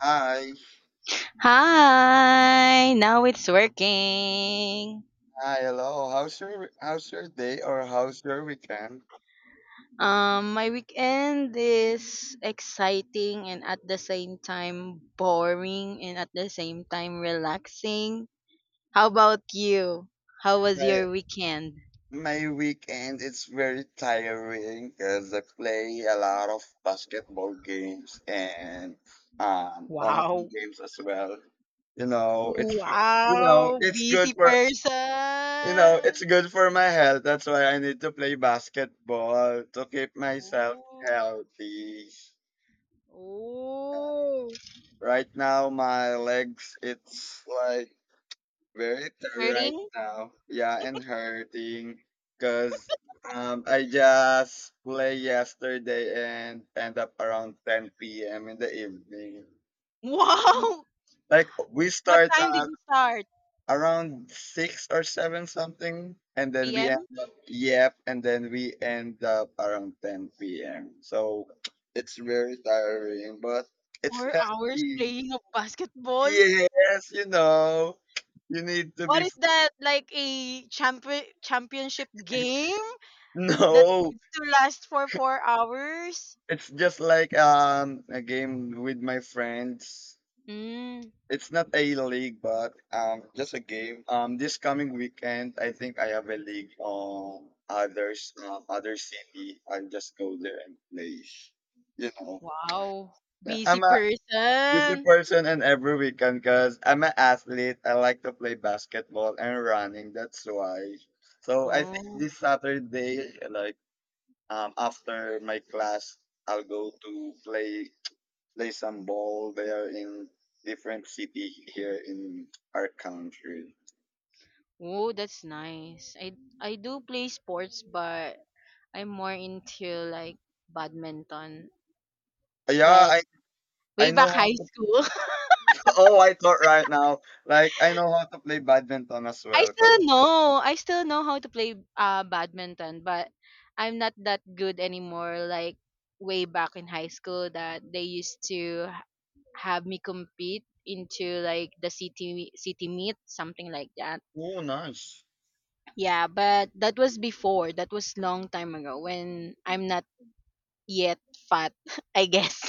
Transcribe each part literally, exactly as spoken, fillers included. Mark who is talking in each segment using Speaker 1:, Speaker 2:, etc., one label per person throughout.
Speaker 1: Hi,
Speaker 2: Hi, now it's working.
Speaker 1: hi, hello. How's your how's your day or how's your weekend?
Speaker 2: Um, my weekend is exciting and at the same time boring and at the same time relaxing. How about you? How was
Speaker 1: My
Speaker 2: your weekend?
Speaker 1: my weekend is very tiring because I play a lot of basketball games and um
Speaker 2: Wow.
Speaker 1: online games as well. You know, it's you know,
Speaker 2: Wow,
Speaker 1: it's good
Speaker 2: busy
Speaker 1: for you know,
Speaker 2: person.
Speaker 1: It's good for my health. That's why I need to play basketball to keep myself
Speaker 2: Ooh.
Speaker 1: healthy. Uh,
Speaker 2: Ooh.
Speaker 1: right now, my legs, it's like very tired right
Speaker 2: Hurting?
Speaker 1: now. Yeah, and hurting because um I just play yesterday and end up around ten p m in the evening.
Speaker 2: Wow.
Speaker 1: Like we
Speaker 2: What
Speaker 1: start
Speaker 2: time did
Speaker 1: at
Speaker 2: you start?
Speaker 1: around six or seven something, and then we
Speaker 2: p m?
Speaker 1: end up yep, and then we end up around ten p m. So it's very tiring, but it's
Speaker 2: Four hours
Speaker 1: healthy.
Speaker 2: playing of basketball?
Speaker 1: Yes, you know, you need to
Speaker 2: What
Speaker 1: be.
Speaker 2: is that like a champion championship game that
Speaker 1: No.
Speaker 2: needs to last for four hours?
Speaker 1: It's just like um a game with my friends.
Speaker 2: Mm,
Speaker 1: It's not a league, but um just a game. Um, this coming weekend, I think I have a league on others, um, other city. I'll just go there and play. You know,
Speaker 2: wow,
Speaker 1: yeah,
Speaker 2: busy
Speaker 1: I'm a busy
Speaker 2: person.
Speaker 1: person, and every weekend, cause I'm an athlete. I like to play basketball and running. That's why. So I think
Speaker 2: Oh,
Speaker 1: this Saturday, like um after my class, I'll go to play there's some ball there in different city here in our country.
Speaker 2: oh, that's nice. I I do play sports, but I'm more into like badminton.
Speaker 1: Yeah,
Speaker 2: But
Speaker 1: I I
Speaker 2: way
Speaker 1: know
Speaker 2: back
Speaker 1: how
Speaker 2: high
Speaker 1: to.
Speaker 2: school.
Speaker 1: Oh, I thought right now, like I know how to play badminton as
Speaker 2: I
Speaker 1: well. 'Cause-
Speaker 2: still know. I still know how to play uh badminton, but I'm not that good anymore. Like way back in high school, that they used to h- have me compete into like the city city meet, something like that.
Speaker 1: Oh, nice.
Speaker 2: Yeah, but that was before. That was long time ago when I'm not yet fat, I guess.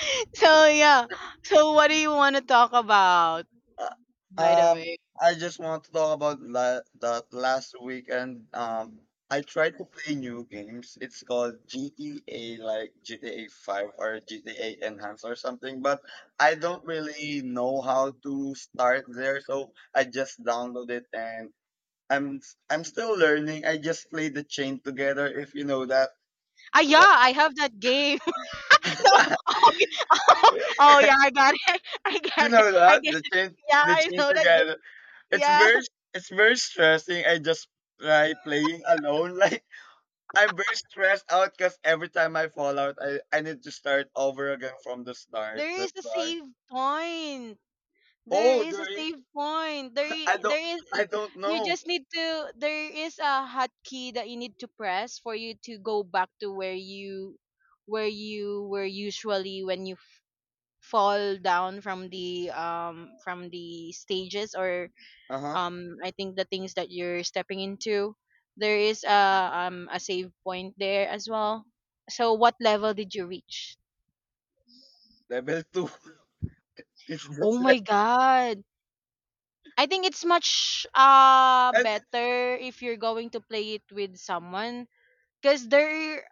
Speaker 2: So yeah. So what do you want to talk about?
Speaker 1: Uh,
Speaker 2: By the
Speaker 1: Um,
Speaker 2: way,
Speaker 1: I just want to talk about la that last weekend. Um, I tried to play new games. It's called G T A, like G T A five or G T A Enhanced or something, but I don't really know how to start there, so I just download it and I'm I'm still learning. I just play the chain together, if you know that.
Speaker 2: ah yeah, I have that game. No. Oh yeah, I got it. I
Speaker 1: You
Speaker 2: got it.
Speaker 1: know
Speaker 2: I
Speaker 1: that
Speaker 2: get
Speaker 1: the
Speaker 2: it.
Speaker 1: chain
Speaker 2: Yeah,
Speaker 1: the
Speaker 2: I
Speaker 1: chain
Speaker 2: know that game.
Speaker 1: together. It's
Speaker 2: Yeah,
Speaker 1: very it's very stressing. I just try playing alone. Like I'm very stressed out because every time I fall out, I, I need to start over again from the start.
Speaker 2: there is
Speaker 1: That's
Speaker 2: a
Speaker 1: why.
Speaker 2: save point. There
Speaker 1: Oh,
Speaker 2: is
Speaker 1: there
Speaker 2: a
Speaker 1: is.
Speaker 2: save point. There, i-
Speaker 1: I
Speaker 2: there
Speaker 1: don't
Speaker 2: is.
Speaker 1: I don't
Speaker 2: You
Speaker 1: know.
Speaker 2: just need to. There is a hotkey that you need to press for you to go back to where you, where you were usually when you fall down from the um from the stages, or
Speaker 1: Uh huh.
Speaker 2: um I think the things that you're stepping into, there is a um a save point there as well. So what level did you reach?
Speaker 1: Level two. It's
Speaker 2: Oh
Speaker 1: just
Speaker 2: my
Speaker 1: like,
Speaker 2: God, I think it's much uh
Speaker 1: I
Speaker 2: better if you're going to play it with someone, because there,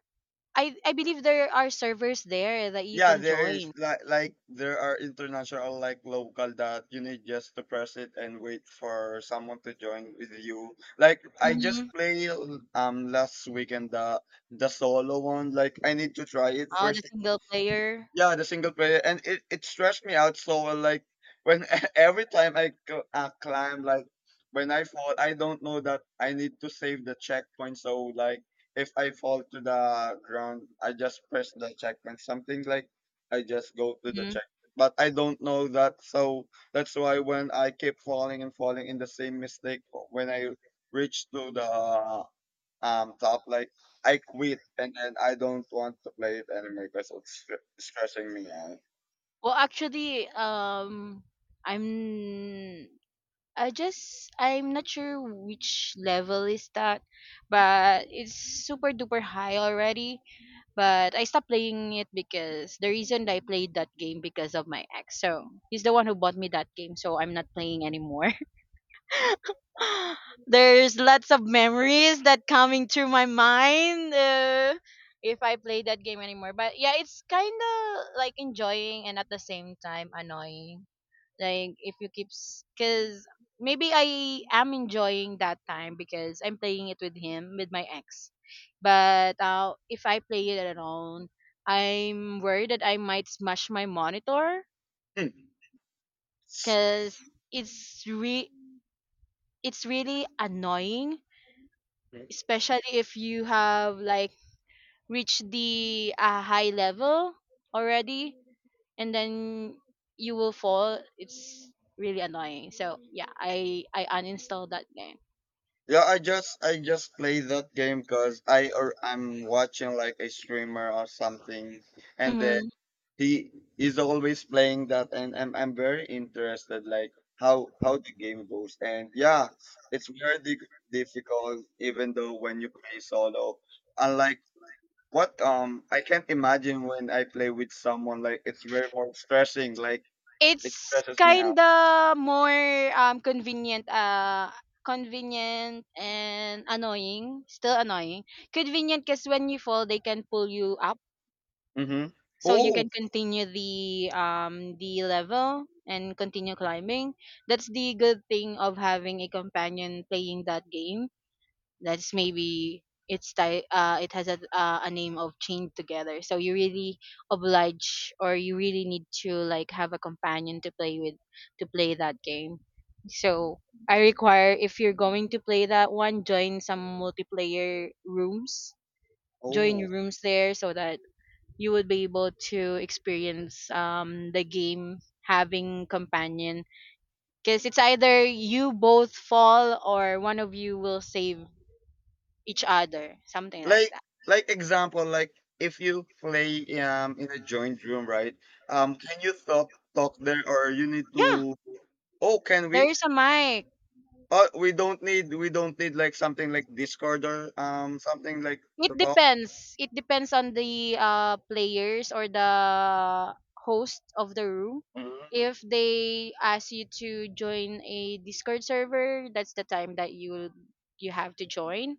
Speaker 2: i i believe there are servers there that you
Speaker 1: yeah,
Speaker 2: can
Speaker 1: there is
Speaker 2: join.
Speaker 1: like like there are international like local that you need just to press it and wait for someone to join with you. Like I just
Speaker 2: Mm-hmm.
Speaker 1: played um last weekend the the solo one. Like I need to try it
Speaker 2: Oh, the
Speaker 1: first
Speaker 2: single player.
Speaker 1: yeah, the single player, and it, it stressed me out so well. Like when every time I c- uh, climb, like when I fall, I don't know that I need to save the checkpoint. So like if I fall to the ground, I just press the checkpoint. Something like I just go to the
Speaker 2: hmm
Speaker 1: check, but I don't know that. So that's why when I keep falling and falling in the same mistake, when I reach to the um top like I quit and then I don't want to play it anymore because it's stre- stressing me out.
Speaker 2: well, actually, um i'm I just, I'm not sure which level is that, but it's super duper high already. But I stopped playing it because the reason I played that game because of my ex. So he's the one who bought me that game, so I'm not playing anymore. There's lots of memories that coming through my mind. Uh, if I play that game anymore, but yeah, it's kind of like enjoying and at the same time annoying, like if you keep, because maybe I am enjoying that time because I'm playing it with him, with my ex. But uh, if I play it alone, I'm worried that I might smash my monitor
Speaker 1: Hmm.
Speaker 2: because it's re it's really annoying, especially if you have like reached the uh, high level already, and then you will fall. It's really annoying. So yeah, i i uninstalled that game.
Speaker 1: Yeah, I just I just play that game because I or I'm watching like a streamer or something, and the,
Speaker 2: Mhm.
Speaker 1: he is always playing that, and I'm I'm very interested like how how the game goes, and yeah, it's very di- difficult even though when you play solo, unlike what um I can't imagine when I play with someone like it's very more stressing like it
Speaker 2: It's
Speaker 1: stresses me out.
Speaker 2: kinda more, um, convenient, ah, convenient and annoying, still annoying. Convenient 'cause when you fall, they can pull you up,
Speaker 1: Mhm.
Speaker 2: so you
Speaker 1: Oh,
Speaker 2: can continue the, um, the level and continue climbing. That's the good thing of having a companion playing that game. That's maybe it's ti- uh, it has a, uh, a name of chained together, so you really oblige or you really need to like have a companion to play with, to play that game. So I require, if you're going to play that one, join some multiplayer rooms. Join
Speaker 1: oh.
Speaker 2: rooms there so that you would be able to experience um, the game, having companion, because it's either you both fall or one of you will save each other, something like
Speaker 1: Like
Speaker 2: that.
Speaker 1: like example like if you play um in a joint room, right? Um can you talk talk there or you need
Speaker 2: Yeah,
Speaker 1: to oh, can
Speaker 2: there
Speaker 1: we?
Speaker 2: is a mic.
Speaker 1: Oh, we don't need we don't need like something like Discord or um something like
Speaker 2: It
Speaker 1: to talk.
Speaker 2: depends. It depends on the uh, players or the host of the room.
Speaker 1: Mm.
Speaker 2: If they ask you to join a Discord server, that's the time that you you have to join.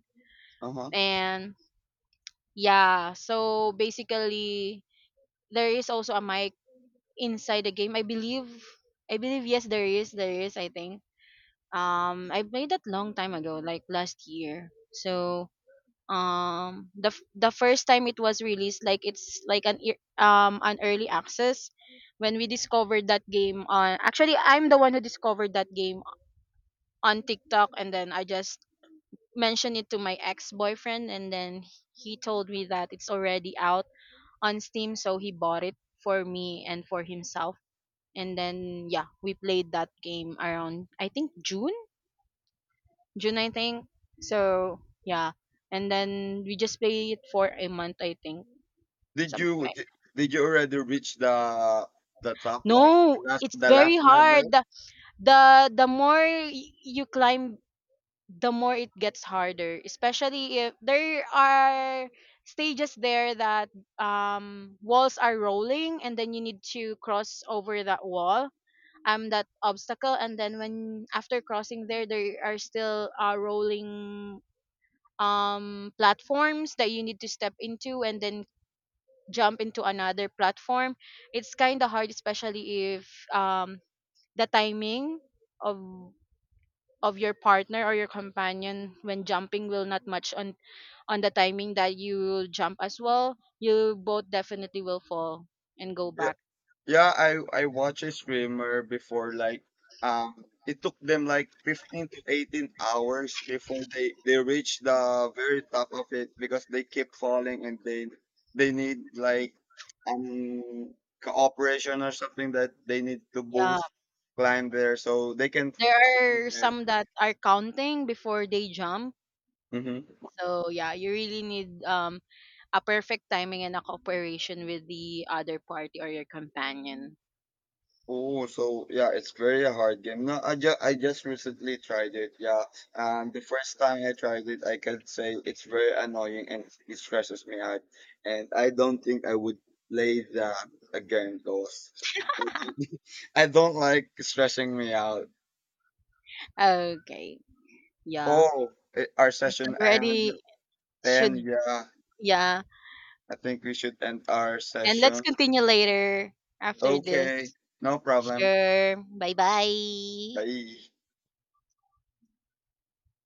Speaker 1: Uh-huh.
Speaker 2: And yeah, so basically there is also a mic inside the game. I believe I believe yes, there is, there is, I think. Um I played that long time ago, like last year. So um the f- the first time it was released, like it's like an ear- um an early access, when we discovered that game on, actually, I'm the one who discovered that game on TikTok, and then I just mentioned it to my ex-boyfriend, and then he told me that it's already out on Steam, so he bought it for me and for himself, and then yeah, we played that game around I think June June, I think. So yeah. And then we just played it for a month, I think,
Speaker 1: Did
Speaker 2: something
Speaker 1: you
Speaker 2: like,
Speaker 1: did, did you already reach the the top like
Speaker 2: no,
Speaker 1: last
Speaker 2: it's
Speaker 1: the
Speaker 2: very
Speaker 1: last
Speaker 2: hard.
Speaker 1: level?
Speaker 2: The the, the more y- you climb, the more it gets harder, especially if there are stages there that um walls are rolling and then you need to cross over that wall, um that obstacle, and then when after crossing there there are still uh, rolling um platforms that you need to step into and then jump into another platform. It's kind of hard, especially if um the timing of of your partner or your companion when jumping will not match on on the timing that you jump as well. You both definitely will fall and go
Speaker 1: Yeah,
Speaker 2: back.
Speaker 1: yeah, I I watch a streamer before like um it took them like fifteen to eighteen hours before they they reach the very top of it because they keep falling and they they need like um cooperation or something that they need to
Speaker 2: Yeah,
Speaker 1: both climb there so they can
Speaker 2: there are some that are counting before they jump.
Speaker 1: mhm.
Speaker 2: So yeah, you really need um a perfect timing and a cooperation with the other party or your companion.
Speaker 1: Oh, so yeah, it's very hard game. No, I just I just recently tried it. Yeah, and the first time I tried it, I can say it's very annoying and it stresses me out. And I don't think I would play that again, those. I don't, I don't like stressing me out.
Speaker 2: Okay, yeah,
Speaker 1: Oh, eh, our
Speaker 2: it's
Speaker 1: session end.
Speaker 2: already,
Speaker 1: Then
Speaker 2: should,
Speaker 1: yeah,
Speaker 2: yeah.
Speaker 1: I think we should end our
Speaker 2: And let's
Speaker 1: session.
Speaker 2: continue later, after this.
Speaker 1: Okay, no problem.
Speaker 2: Sure, bye-bye.
Speaker 1: Bye.